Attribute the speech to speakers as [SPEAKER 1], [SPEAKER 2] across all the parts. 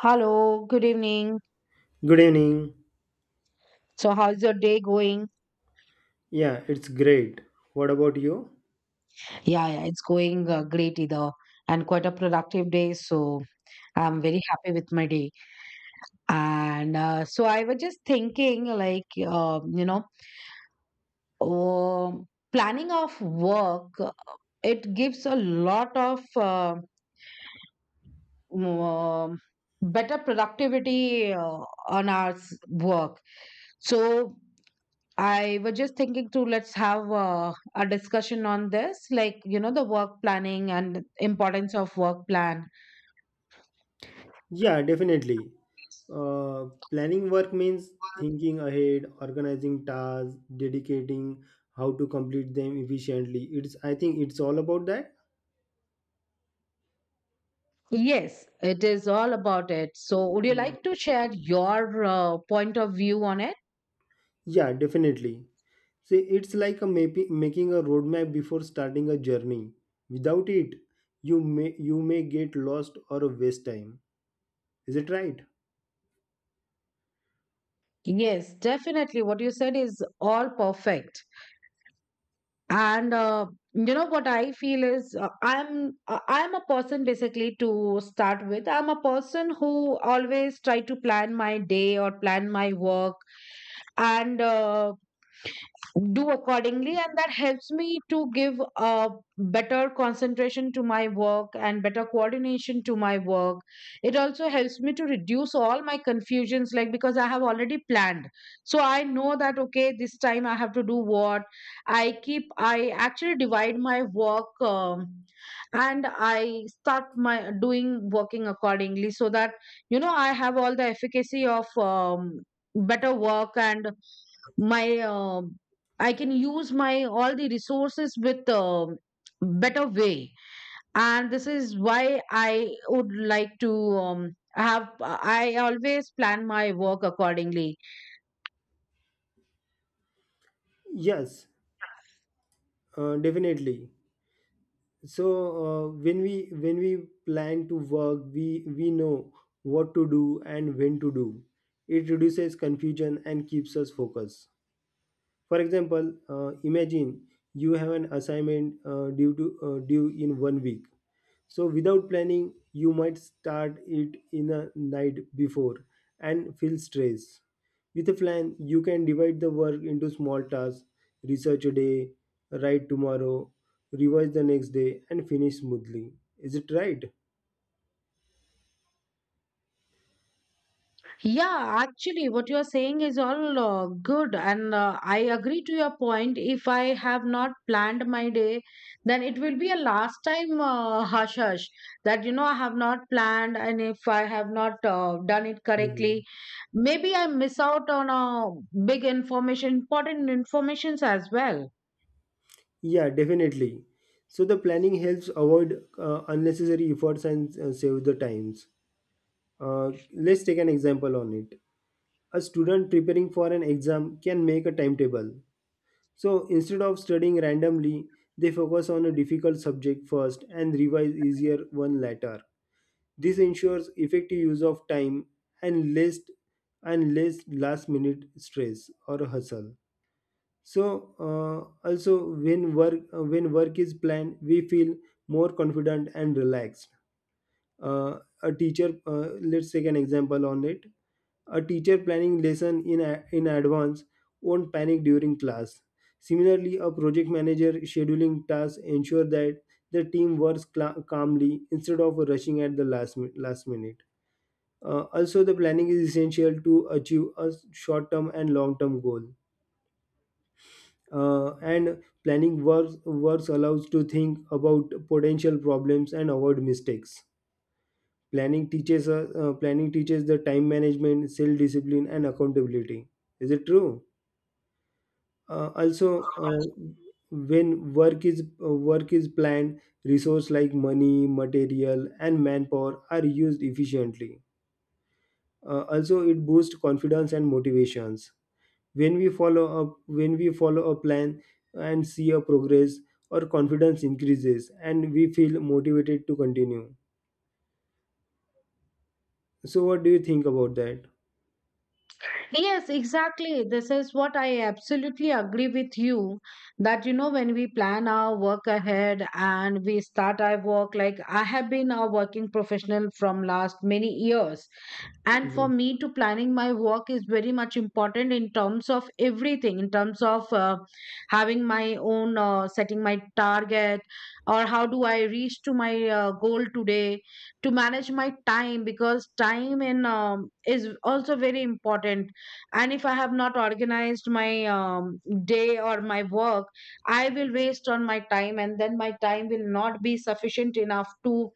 [SPEAKER 1] Hello, good evening.
[SPEAKER 2] Good evening.
[SPEAKER 1] So, how's your day going?
[SPEAKER 2] Yeah, it's great. What about you?
[SPEAKER 1] Yeah, yeah, it's going great either, and quite a productive day. So, I'm very happy with my day. And so, I was just thinking, like, planning of work, it gives a lot of um, better productivity on our work. So, I was just thinking to let's have a discussion on this, like, the work planning and importance of work plan.
[SPEAKER 2] Yeah, definitely. Uh, Planning work means thinking ahead, organizing tasks, dedicating how to complete them efficiently. It's I think it's all about that.
[SPEAKER 1] Yes, it is all about it. So, would you
[SPEAKER 2] Uh,
[SPEAKER 1] like to share your point of view on it?
[SPEAKER 2] yeah, definitely. See, it's like a making a roadmap before starting a journey. Without it, you may get lost or waste time. Is it right?
[SPEAKER 1] Yes, definitely. What you said is all perfect. And what I feel is I'm a person basically to start with. I'm a person who always try to plan my day or plan my work, and do accordingly, and that helps me to give a better concentration to my work and better coordination to my work. It also helps me to reduce all my confusions, like, because I have already planned, so I know that, okay, this time I have to do what. I actually divide my work, and I start my doing working accordingly, so that I have all the efficacy of better work, and my, I can use my all the resources with better way. And this is why I would like to I always plan my work accordingly.
[SPEAKER 2] Yes, definitely. So when we plan to work, we know what to do and when to do. It reduces confusion and keeps us focused. For example, imagine you have an assignment due in one week, so without planning, you might start it in a night before and feel stress. With a plan, you can divide the work into small tasks, research a day, write tomorrow, revise the next day, and finish smoothly. Is it right?
[SPEAKER 1] Yeah, actually, what you're saying is all good, and I agree to your point. If I have not planned my day, then it will be a last time hush hush that I have not planned, and if I have not done it correctly,
[SPEAKER 2] Mhm.
[SPEAKER 1] maybe I miss out on big information, important informations as well.
[SPEAKER 2] Yeah, definitely. So the planning helps avoid unnecessary efforts and save the times. Let's take an example on it. A student preparing for an exam can make a timetable. So instead of studying randomly, they focus on a difficult subject first and revise easier one later. This ensures effective use of time, and less last minute stress or hustle. So also when work is planned, we feel more confident and relaxed. A teacher, let's take an example on it. A teacher planning lesson in advance won't panic during class. Similarly, a project manager scheduling tasks ensure that the team works calmly instead of rushing at the last minute. Also, the planning is essential to achieve a short term and long term goal. And planning works allows to think about potential problems and avoid mistakes. Planning teaches the time management, self discipline, and accountability. Is it true? Also, when work is planned, resources like money, material, and manpower are used efficiently. Also, it boosts confidence and motivations. When we follow a plan and see a progress, our confidence increases, and we feel motivated to continue. So, what do you think about that?
[SPEAKER 1] Yes, exactly. This is what I absolutely agree with you that, when we plan our work ahead and we start our work, like, I have been a working professional from last many years. And for
[SPEAKER 2] Okay.
[SPEAKER 1] me, to planning my work is very much important in terms of everything, in terms of having my own, setting my target, or how do I reach to my goal today, to manage my time, because time in, is also very important. And if I have not organized my day or my work, I will waste on my time, and then my time will not be sufficient enough to,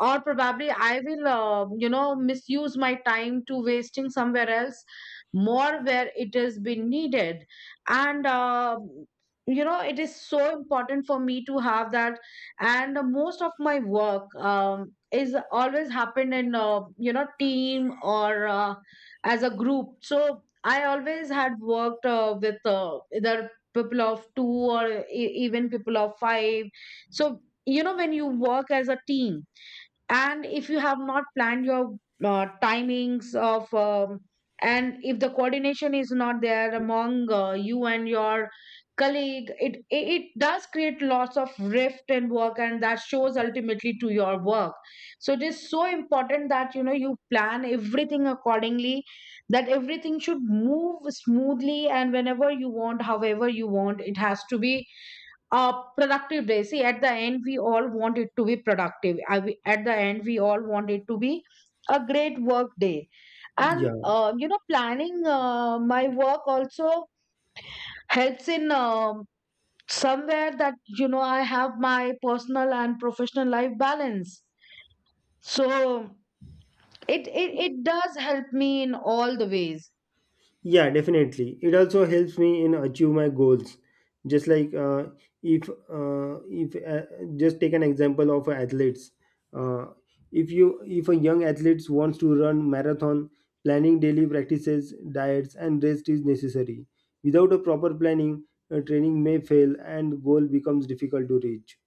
[SPEAKER 1] or probably I will misuse my time to wasting somewhere else, more where it has been needed. And it is so important for me to have that. And most of my work, is always happened in, team, or as a group. So I always had worked with either people of two, or even people of five. So when you work as a team, and if you have not planned your timings of, and if the coordination is not there among you and your colleague, it does create lots of rift in work, and that shows ultimately to your work. So it is so important that you plan everything accordingly, that everything should move smoothly, and whenever you want, however you want, it has to be productive day. See, at the end, we all want it to be productive. At the end, we all want it to be a great work day. And,
[SPEAKER 2] Yeah.
[SPEAKER 1] planning my work also helps in, somewhere that, I have my personal and professional life balance. So it does help me in all the ways.
[SPEAKER 2] Yeah, definitely. It also helps me in achieve my goals. Just like, if just take an example of athletes. Uh, if you if a young athlete wants to run marathon, planning daily practices, diets, and rest is necessary. Without a proper planning, training may fail and goal becomes difficult to reach.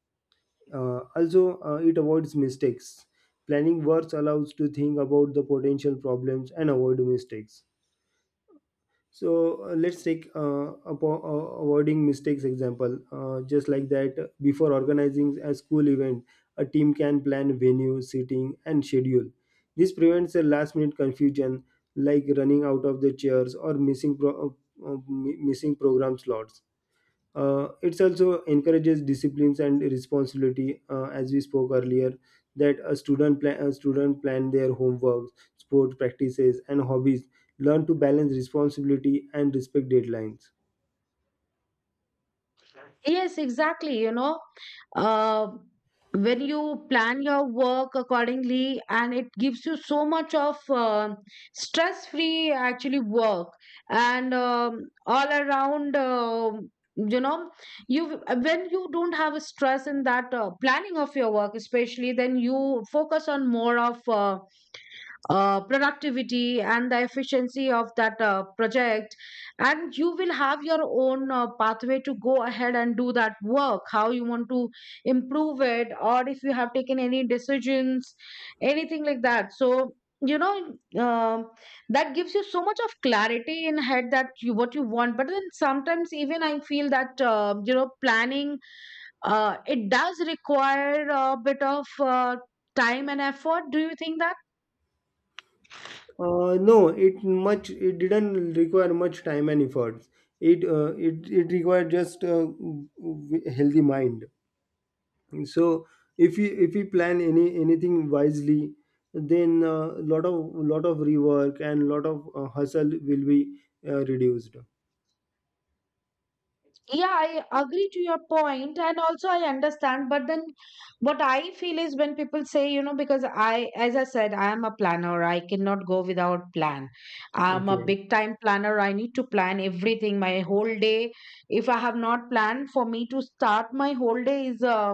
[SPEAKER 2] Also, it avoids mistakes. Planning works allows to think about the potential problems and avoid mistakes. So let's take avoiding mistakes example. Just like that, before organizing a school event, a team can plan venue seating and schedule. This prevents a last minute confusion like running out of the chairs or missing missing program slots. It also encourages disciplines and responsibility, as we spoke earlier, that a student plan their homework, sport practices and hobbies, learn to balance responsibility and respect deadlines.
[SPEAKER 1] Yes, exactly. Uh, when you plan your work accordingly, and it gives you so much of stress-free actually work, and all around, you know, you, when you don't have a stress in that planning of your work, especially, then you focus on more of. Productivity and the efficiency of that project, and you will have your own pathway to go ahead and do that work how you want to improve it, or if you have taken any decisions, anything like that. So, you know um that gives you so much of clarity in head that you what you want. But then sometimes even I feel that planning, it does require a bit of time and effort. Do you think that?
[SPEAKER 2] No, it didn't require much time and efforts. It required just a healthy mind. So if we plan anything wisely, then a lot of rework and lot of hustle will be reduced.
[SPEAKER 1] Yeah, I agree to your point, and also I understand, but then what I feel is, when people say because I, as I said, I am a planner, I cannot go without plan. I'm a
[SPEAKER 2] Okay.
[SPEAKER 1] big time planner, I need to plan everything, my whole day. If I have not planned, for me to start my whole day is,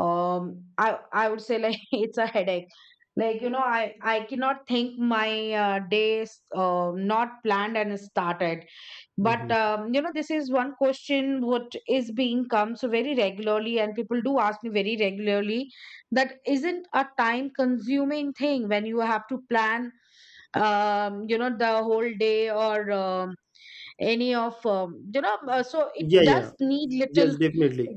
[SPEAKER 1] um I would say, like, it's a headache. Like I cannot think my days not planned and started. But
[SPEAKER 2] Hmm.
[SPEAKER 1] this is one question what is being comes very regularly, and people do ask me very regularly that, isn't a time consuming thing when you have to plan the whole day, or any of, so it
[SPEAKER 2] Yeah,
[SPEAKER 1] does
[SPEAKER 2] yeah.
[SPEAKER 1] need
[SPEAKER 2] Yes,
[SPEAKER 1] little.
[SPEAKER 2] definitely.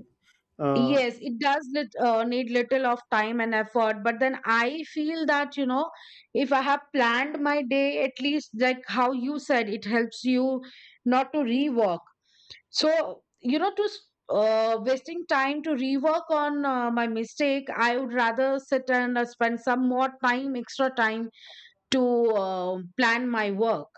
[SPEAKER 2] uh,
[SPEAKER 1] Yes, it does lit, need little of time and effort, but then I feel that, if I have planned my day, at least like how you said, it helps you not to rework. So, to wasting time to rework on my mistake, I would rather sit and spend some more time, extra time to plan my work.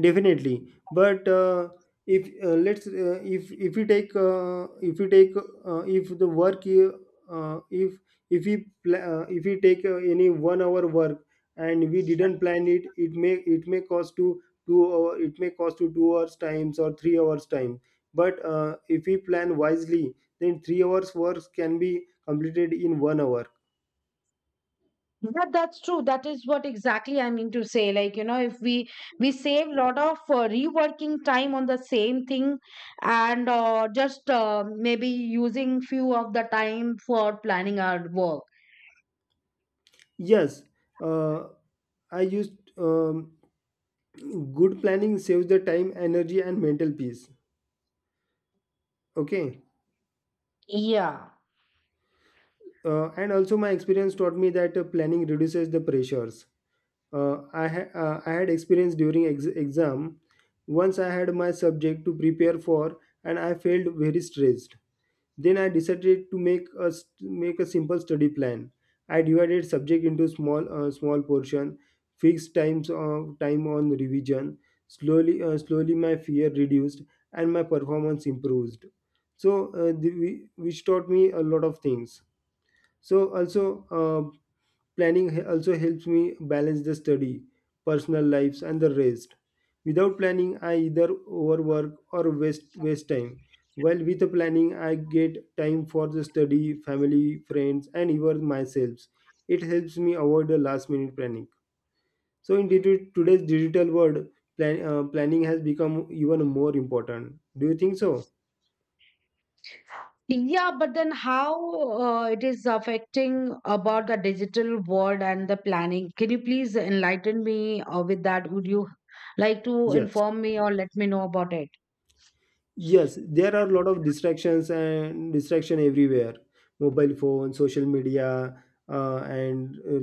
[SPEAKER 2] Definitely, but if let's if you take if you take if the work you, if we take any one hour work, and we didn't plan it, it may cost to two hour it may cost to 2 hours times or 3 hours time. But if we plan wisely, then 3 hours work can be completed in one hour.
[SPEAKER 1] Yeah, that's true. That is what exactly I mean to say. Like, if we, we save a lot of reworking time on the same thing, and just maybe using few of the time for planning our work.
[SPEAKER 2] Yes, uh, I used good planning saves the time, energy, and mental peace. Okay.
[SPEAKER 1] Yeah.
[SPEAKER 2] And also, my experience taught me that planning reduces the pressures. I had experience during exam. Once I had my subject to prepare for, and I felt very stressed. Then I decided to make a simple study plan. I divided subject into small portion, fixed time on revision. Slowly, my fear reduced and my performance improved. So, which taught me a lot of things. So also, planning also helps me balance the study, personal lives and the rest. Without planning, I either overwork or waste time, while with the planning I get time for the study, family, friends and even myself. It helps me avoid the last minute planning. So in today's digital world, planning has become even more important. Do you think so?
[SPEAKER 1] Yeah, but then how it is affecting about the digital world and the planning? Can you please enlighten me with that? Would you like to
[SPEAKER 2] yes
[SPEAKER 1] inform me or let me know about it?
[SPEAKER 2] Yes, there are a lot of distractions and distraction everywhere. Mobile phone, social media, and uh,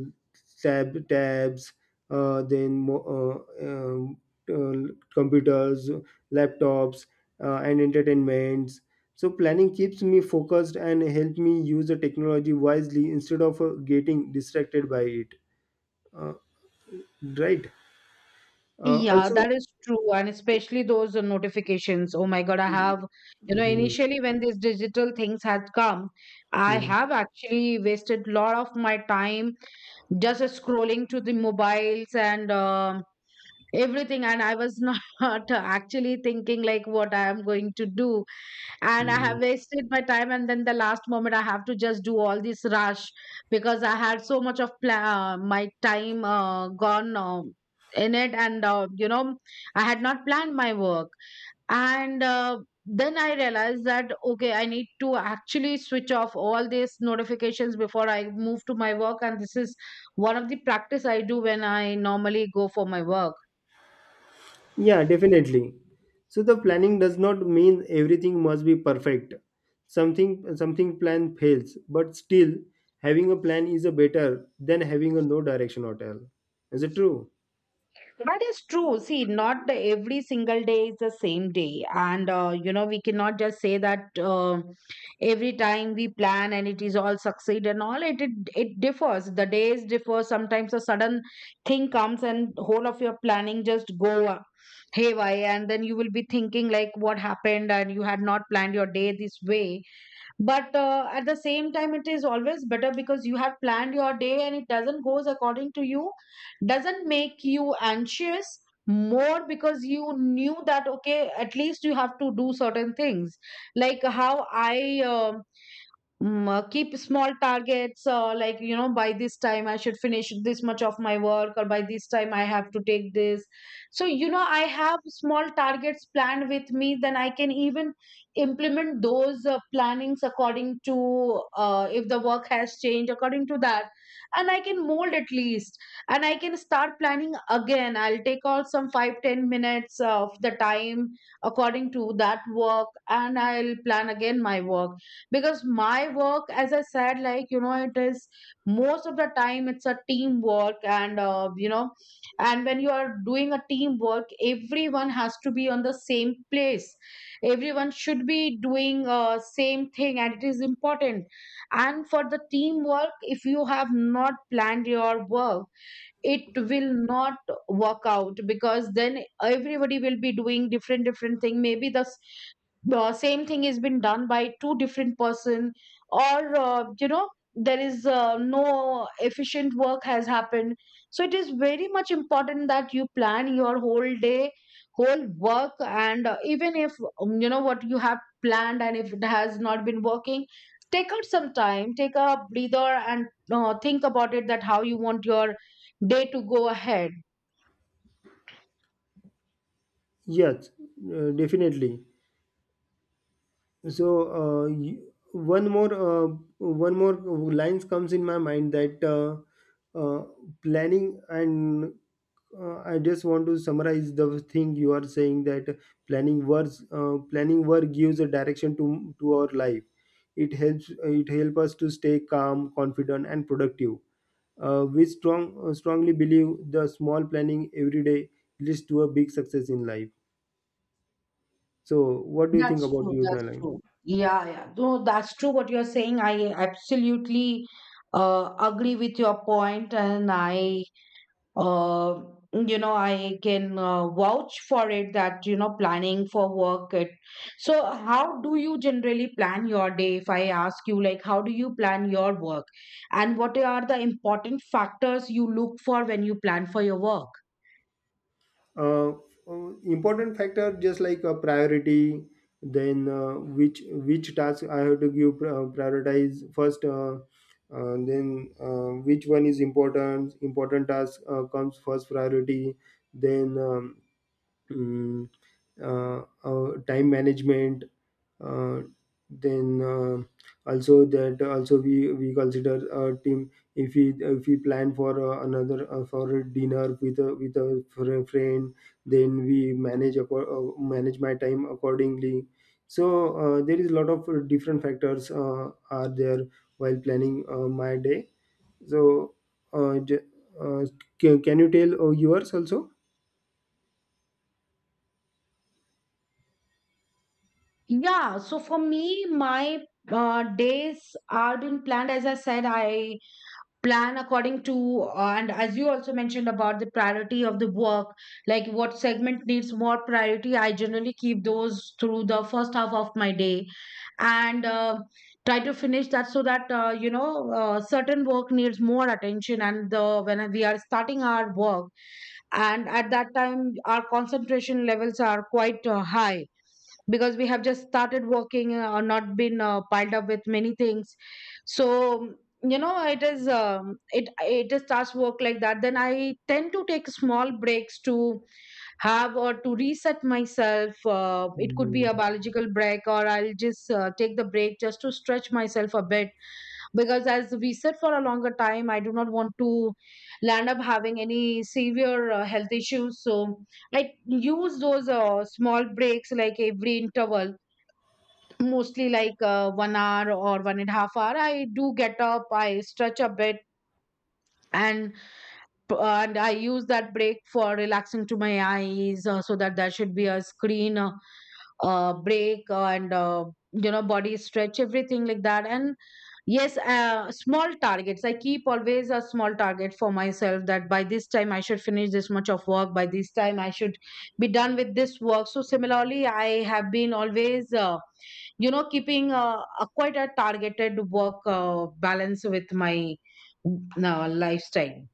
[SPEAKER 2] tab tabs, uh, then mo- uh, um, uh, computers, laptops, and entertainments. So planning keeps me focused and help me use the technology wisely instead of getting distracted by it. Uh, right.
[SPEAKER 1] Yeah,
[SPEAKER 2] Also.
[SPEAKER 1] that is true, and especially those notifications. Oh my God, I have,
[SPEAKER 2] Mhm.
[SPEAKER 1] initially when these digital things had come, I
[SPEAKER 2] Mhm.
[SPEAKER 1] have actually wasted a lot of my time just scrolling to the mobiles, and everything, and I was not actually thinking like what I am going to do. And I have
[SPEAKER 2] Mhm.
[SPEAKER 1] wasted my time, and then the last moment I have to just do all this rush, because I had so much of my time gone in it. And I had not planned my work, and then I realized that, okay, I need to actually switch off all these notifications before I move to my work. And this is one of the practice I do when I normally go for my work.
[SPEAKER 2] Yeah, definitely. So the planning does not mean everything must be perfect. Something plan fails, but still having a plan is a better than having a no direction at all. Is it true?
[SPEAKER 1] That is true. See, not the- every single day is the same day. And, we cannot just say that every time we plan and it is all succeed and all, it differs. The days differ. Sometimes a sudden thing comes and whole of your planning just go haywire. And then you will be thinking like what happened, and you had not planned your day this way. But at the same time, it is always better, because you have planned your day. And it doesn't goes according to you, doesn't make you anxious more, because you knew that, okay, at least you have to do certain things, like how I keep small targets, like by this time I should finish this much of my work, or by this time I have to take this. So I have small targets planned with me, then I can even implement those plannings according to if the work has changed according to that. And I can mold at least, and I can start planning again. I'll take out some 5-10 minutes of the time according to that work, and I'll plan again my work. Because my work, as I said, like, it is most of the time it's a teamwork. And and when you are doing a teamwork, everyone has to be on the same place, everyone should be doing same thing, and it is important. And for the teamwork, if you have not planned your work, it will not work out, because then everybody will be doing different different thing, maybe the same thing has been done by two different person, or there is no efficient work has happened. So it is very much important that you plan your Whole day, whole work, and even if you know what you have planned and if it has not been working, take out some time, take a breather, and think about it, that how you want your day to go ahead.
[SPEAKER 2] Yes, definitely. So uh, y- one more uh, one more lines comes in my mind, that uh, planning and I just want to summarize the thing you are saying. That planning work gives a direction to our life. It help us to stay calm, confident and productive. We strong strongly believe the small planning every day leads to a big success in life. So what do you think
[SPEAKER 1] That's
[SPEAKER 2] about
[SPEAKER 1] true.
[SPEAKER 2] you,
[SPEAKER 1] That's
[SPEAKER 2] Dylan?
[SPEAKER 1] true. Yeah, yeah. No, that's true what you're saying. I absolutely agree with your point, and uh, I can vouch for it that, planning for work. So, how do you generally plan your day? If I ask you, like, how do you plan your work? And what are the important factors you look for when you plan for your work?
[SPEAKER 2] uh, Important factor, just like a priority. Then which task I have to give prioritize first. Then Which one is important task comes first priority. Then mm, time management. uh, then, also, we consider a team. If we plan for another for a dinner with a friend, then we manage my time accordingly. So there is a lot of different factors are there, while planning my day. So uh, j- uh, can you tell yours also.
[SPEAKER 1] Yeah, so for me, my days are been planned. As I said, I plan according to and as you also mentioned about the priority of the work, like what segment needs more priority, I generally keep those through the first half of my day, and try to finish that, so that certain work needs more attention, and the when we are starting our work, and at that time our concentration levels are quite high, because we have just started working, or not been piled up with many things. So, it is it is starts work like that. Then I tend to take small breaks to have, or to reset myself. It could be a
[SPEAKER 2] Hmm.
[SPEAKER 1] biological break, or I'll just take the break just to stretch myself a bit, because as we sit for a longer time I do not want to land up having any severe health issues. So I use those small breaks like every interval, mostly like 1 hour or 1.5 hour. I do get up, I stretch a bit, and I use that break for relaxing to my eyes, so that there should be a screen break, and body stretch, everything like that. And yes, small targets, I keep always a small target for myself, that by this time I should finish this much of work, by this time I should be done with this work. So similarly, I have been always keeping a quite a targeted work balance with my lifestyle.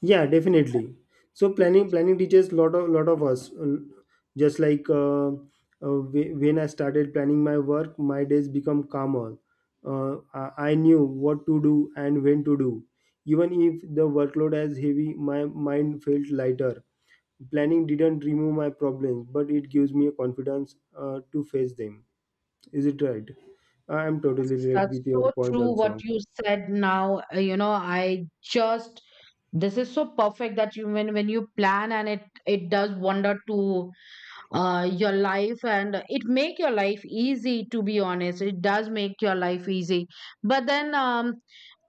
[SPEAKER 2] Yeah, definitely. So planning teaches lot of us. Just like, when I started planning my work, my days become calmer. I knew what to do and when to do. Even if the workload is heavy, my mind felt lighter. Planning didn't remove my problems, but it gives me a confidence to face them. Is it right? I am totally right
[SPEAKER 1] That's
[SPEAKER 2] with your
[SPEAKER 1] so
[SPEAKER 2] point
[SPEAKER 1] true
[SPEAKER 2] also.
[SPEAKER 1] what you said now. You know, I just This is so perfect, that you, when you plan, and it does wonder to your life, and it make your life easy, to be honest. It does make your life easy. But then um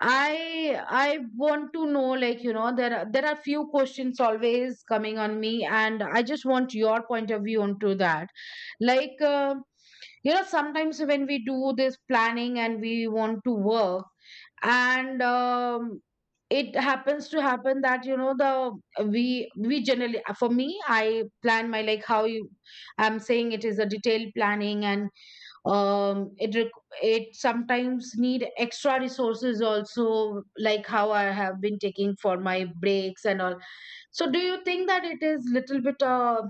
[SPEAKER 1] I I want to know, like, there are few questions always coming on me, and I just want your point of view onto that. Like, sometimes when we do this planning and we want to work, and it happens to happen that, the we generally, for me, I plan my, like, how you, I'm saying, it is a detailed planning. And it sometimes need extra resources also, like how I have been taking for my breaks and all. So do you think that it is little bit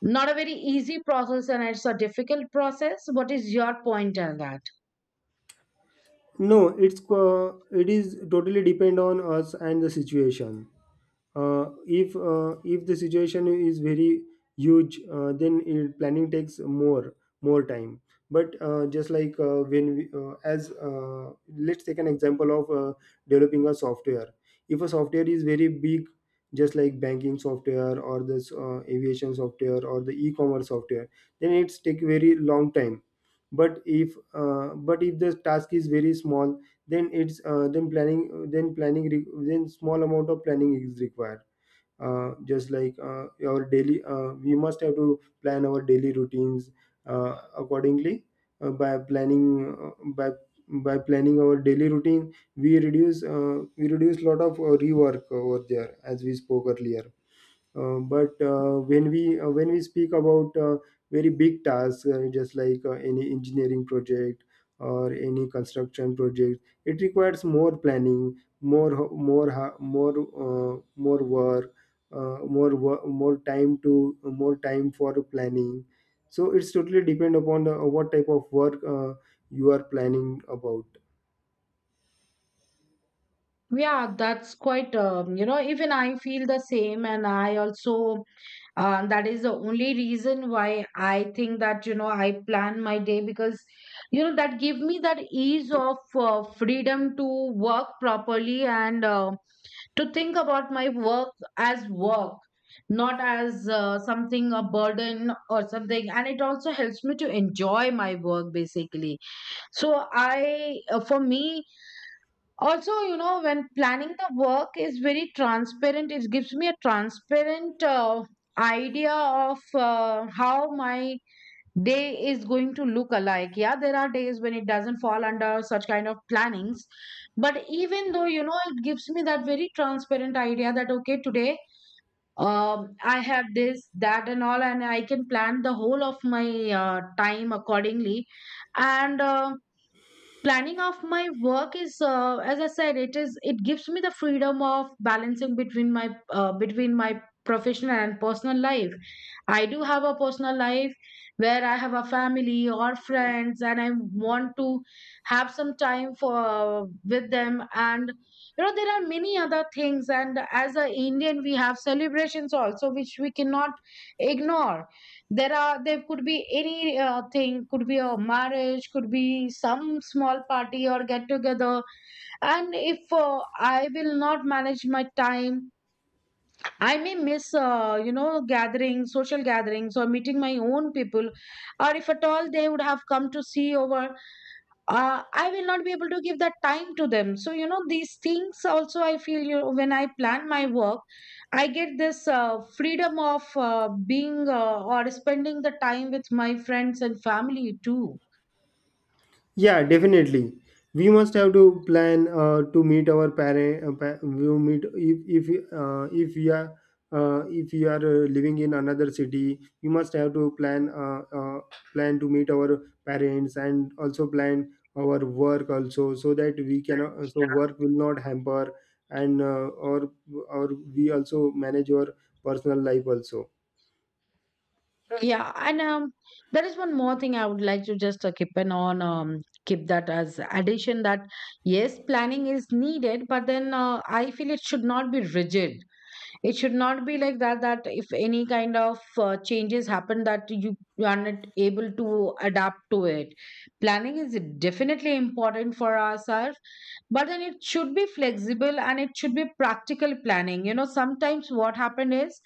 [SPEAKER 1] not a very easy process, and it's a difficult process? What is your point on that?
[SPEAKER 2] No, it is totally depend on us and the situation. If the situation is very huge, planning takes more time. But just like when we, as let's take an example of, developing a software. If a software is very big, just like banking software or this aviation software or the e-commerce software, then it's take very long time. But if but if the task is very small, then it's then planning re- then small amount of planning is required. Just like our daily We must have to plan our daily routines accordingly. By planning uh, by by planning our daily routine, we reduce lot of rework over there, as we spoke earlier. But When we speak about very big tasks, just like any engineering project or any construction project, it requires more planning, more work, more wo- more time to more time for planning. So it's totally depend upon what type of work you are planning about.
[SPEAKER 1] Yeah, that's quite, even I feel the same. And I also, that is the only reason why I think that, I plan my day, because, that give me that ease of freedom to work properly, and to think about my work as work, not as something, a burden or something. And it also helps me to enjoy my work basically. So, for me, also, when planning the work is very transparent, it gives me a transparent idea of how my day is going to look alike. Yeah, there are days when it doesn't fall under such kind of plannings, but even though, it gives me that very transparent idea that, okay, today, I have this, that, and all, and I can plan the whole of my time accordingly. And planning of my work is, as I said, it is, it gives me the freedom of balancing between my professional and personal life. I do have a personal life where I have a family or friends, and I want to have some time for, with them. And there are many other things, and as an Indian we have celebrations also, which we cannot ignore. There could be any thing, could be a marriage, could be some small party or get together. And if I will not manage my time, I may miss gatherings, social gatherings, or meeting my own people, or if at all they would have come to see over, I will not be able to give that time to them. So, these things also, I feel, when I plan my work, I get this freedom of being, or spending the time with my friends and family too.
[SPEAKER 2] Yeah, definitely. We must have to plan to meet our parent. We will meet if if we are if we are living in another city. We must have to plan to meet our parents, and also plan our work also, so that we can so work will not hamper, and or we also manage our personal life also.
[SPEAKER 1] Right. Yeah. And there is one more thing I would like to just keep that as addition, that yes, planning is needed, but then I feel it should not be rigid. It should not be like that, that if any kind of changes happen, that you are not able to adapt to it. Planning is definitely important for ourselves, but then it should be flexible, and it should be practical planning. Sometimes what happened is,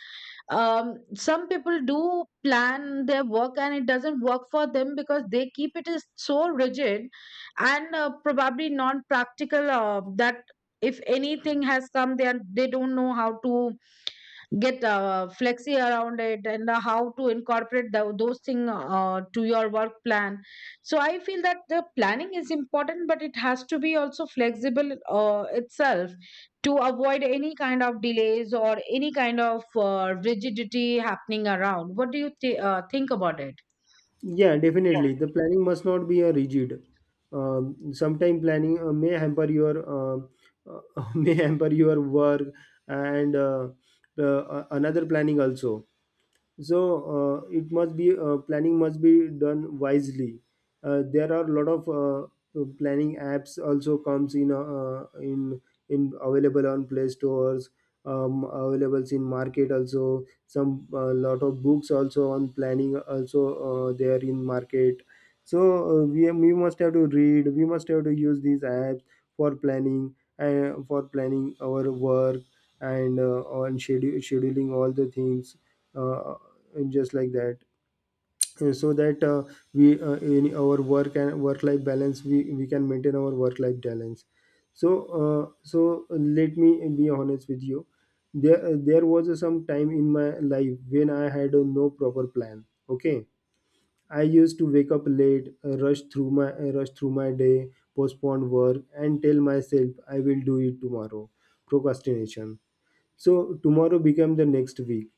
[SPEAKER 1] some people do plan their work and it doesn't work for them, because they keep it, is so rigid, and probably non practical, that if anything has come, they don't know how to get flexi around it, and how to incorporate those things to your work plan. So I feel that the planning is important, but it has to be also flexible itself, to avoid any kind of delays, or any kind of rigidity happening around. What do you think about it?
[SPEAKER 2] Yeah, definitely. The planning must not be a rigid. Sometime planning may hamper your may hamper your work, and another planning also. So it must be planning must be done wisely. There are a lot of planning apps also comes in available on play stores, available in market also. Some Lot of books also on planning also, they in market. So we must have to use these apps for planning our work, and scheduling all the things. Uh, just like that So that we in our work and work life balance, we can maintain our work life balance. So uh, so let me be honest with you. There was some time in my life when I had no proper plan. Okay, I used to wake up late, rush through my day, postpone work and tell myself I will do it tomorrow. Procrastination. So tomorrow became the next week,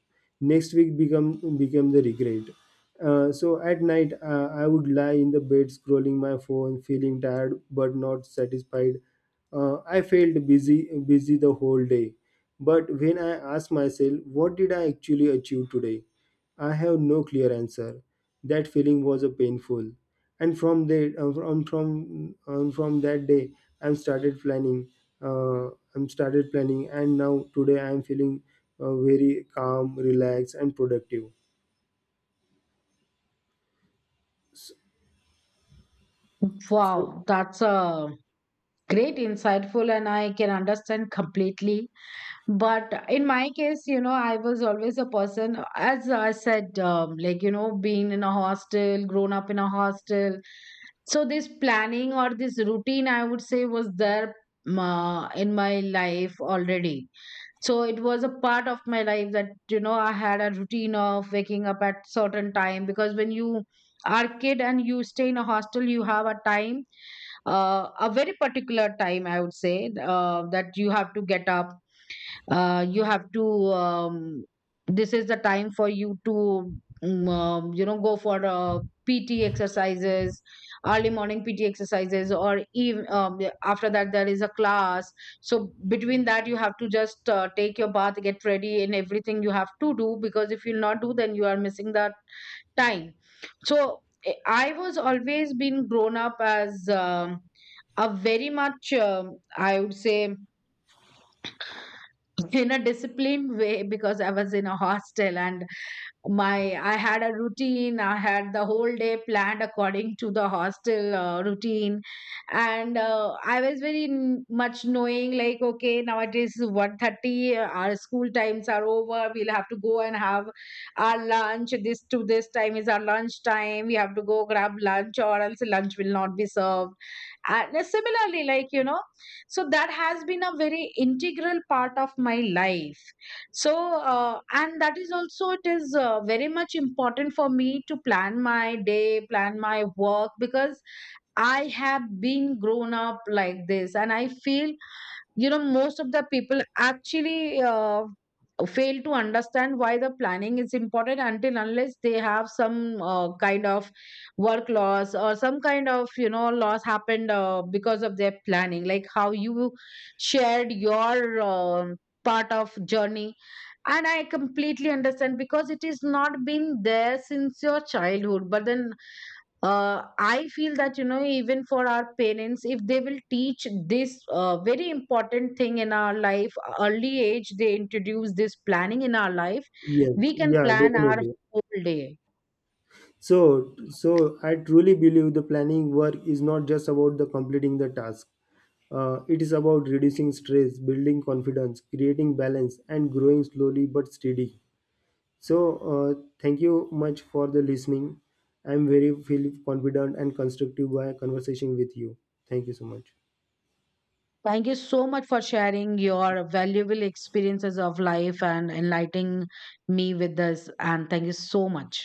[SPEAKER 2] next week become became the regret. So at night, I would lie in the bed, scrolling my phone, feeling tired but not satisfied. I felt busy the whole day, but when I asked myself what did I actually achieve today, I have no clear answer. That feeling was a painful, and from that day I'm started planning. uh, and now today I'm feeling very calm, relaxed and productive. So, so
[SPEAKER 1] Wow, that's a great insightful, and I can understand completely. But in my case, I was always a person, as I said, being in a hostel, grown up in a hostel. So this planning or this routine, I would say, was there, in my life already. So it was a part of my life, that, I had a routine of waking up at certain time, because when you are kid and you stay in a hostel, you have a time, a very particular time, I would say, that you have to get up, you have to um, this is the time for you to, go for PT exercises, early morning PT exercises, or even yeah, after that there is a class. So between that you have to just take your bath, get ready, and everything you have to do, because if you not do then you are missing that time. So I was always been grown up as, a very much, I would say, in a disciplined way, because I was in a hostel, and my I had a routine, I had the whole day planned according to the hostel routine. And I was very much knowing, like, okay, nowadays 1:30. Our school times are over, we'll have to go and have our lunch. This to this time is our lunch time, we have to go grab lunch, or else lunch will not be served. And similarly, like, so that has been a very integral part of my life. So, and that is also, it is very much important for me to plan my day, plan my work, because I have been grown up like this, and I feel, most of the people actually fail to understand why the planning is important, until unless they have some kind of work loss, or some kind of, loss happened because of their planning, like how you shared your part of journey. And I completely understand, because it is not been there since your childhood. But then I feel that, even for our parents, if they will teach this very important thing in our life, early age, they introduce this planning in our life,
[SPEAKER 2] yes,
[SPEAKER 1] we can
[SPEAKER 2] yeah,
[SPEAKER 1] plan our
[SPEAKER 2] definitely.
[SPEAKER 1] whole day.
[SPEAKER 2] So I truly believe the planning work is not just about the completing the task. It is about reducing stress, building confidence, creating balance, and growing slowly but steady. So thank you much for the listening. I'm very feel confident and constructive by conversation with you. Thank you so much.
[SPEAKER 1] Thank you so much for sharing your valuable experiences of life and enlightening me with this, and thank you so much.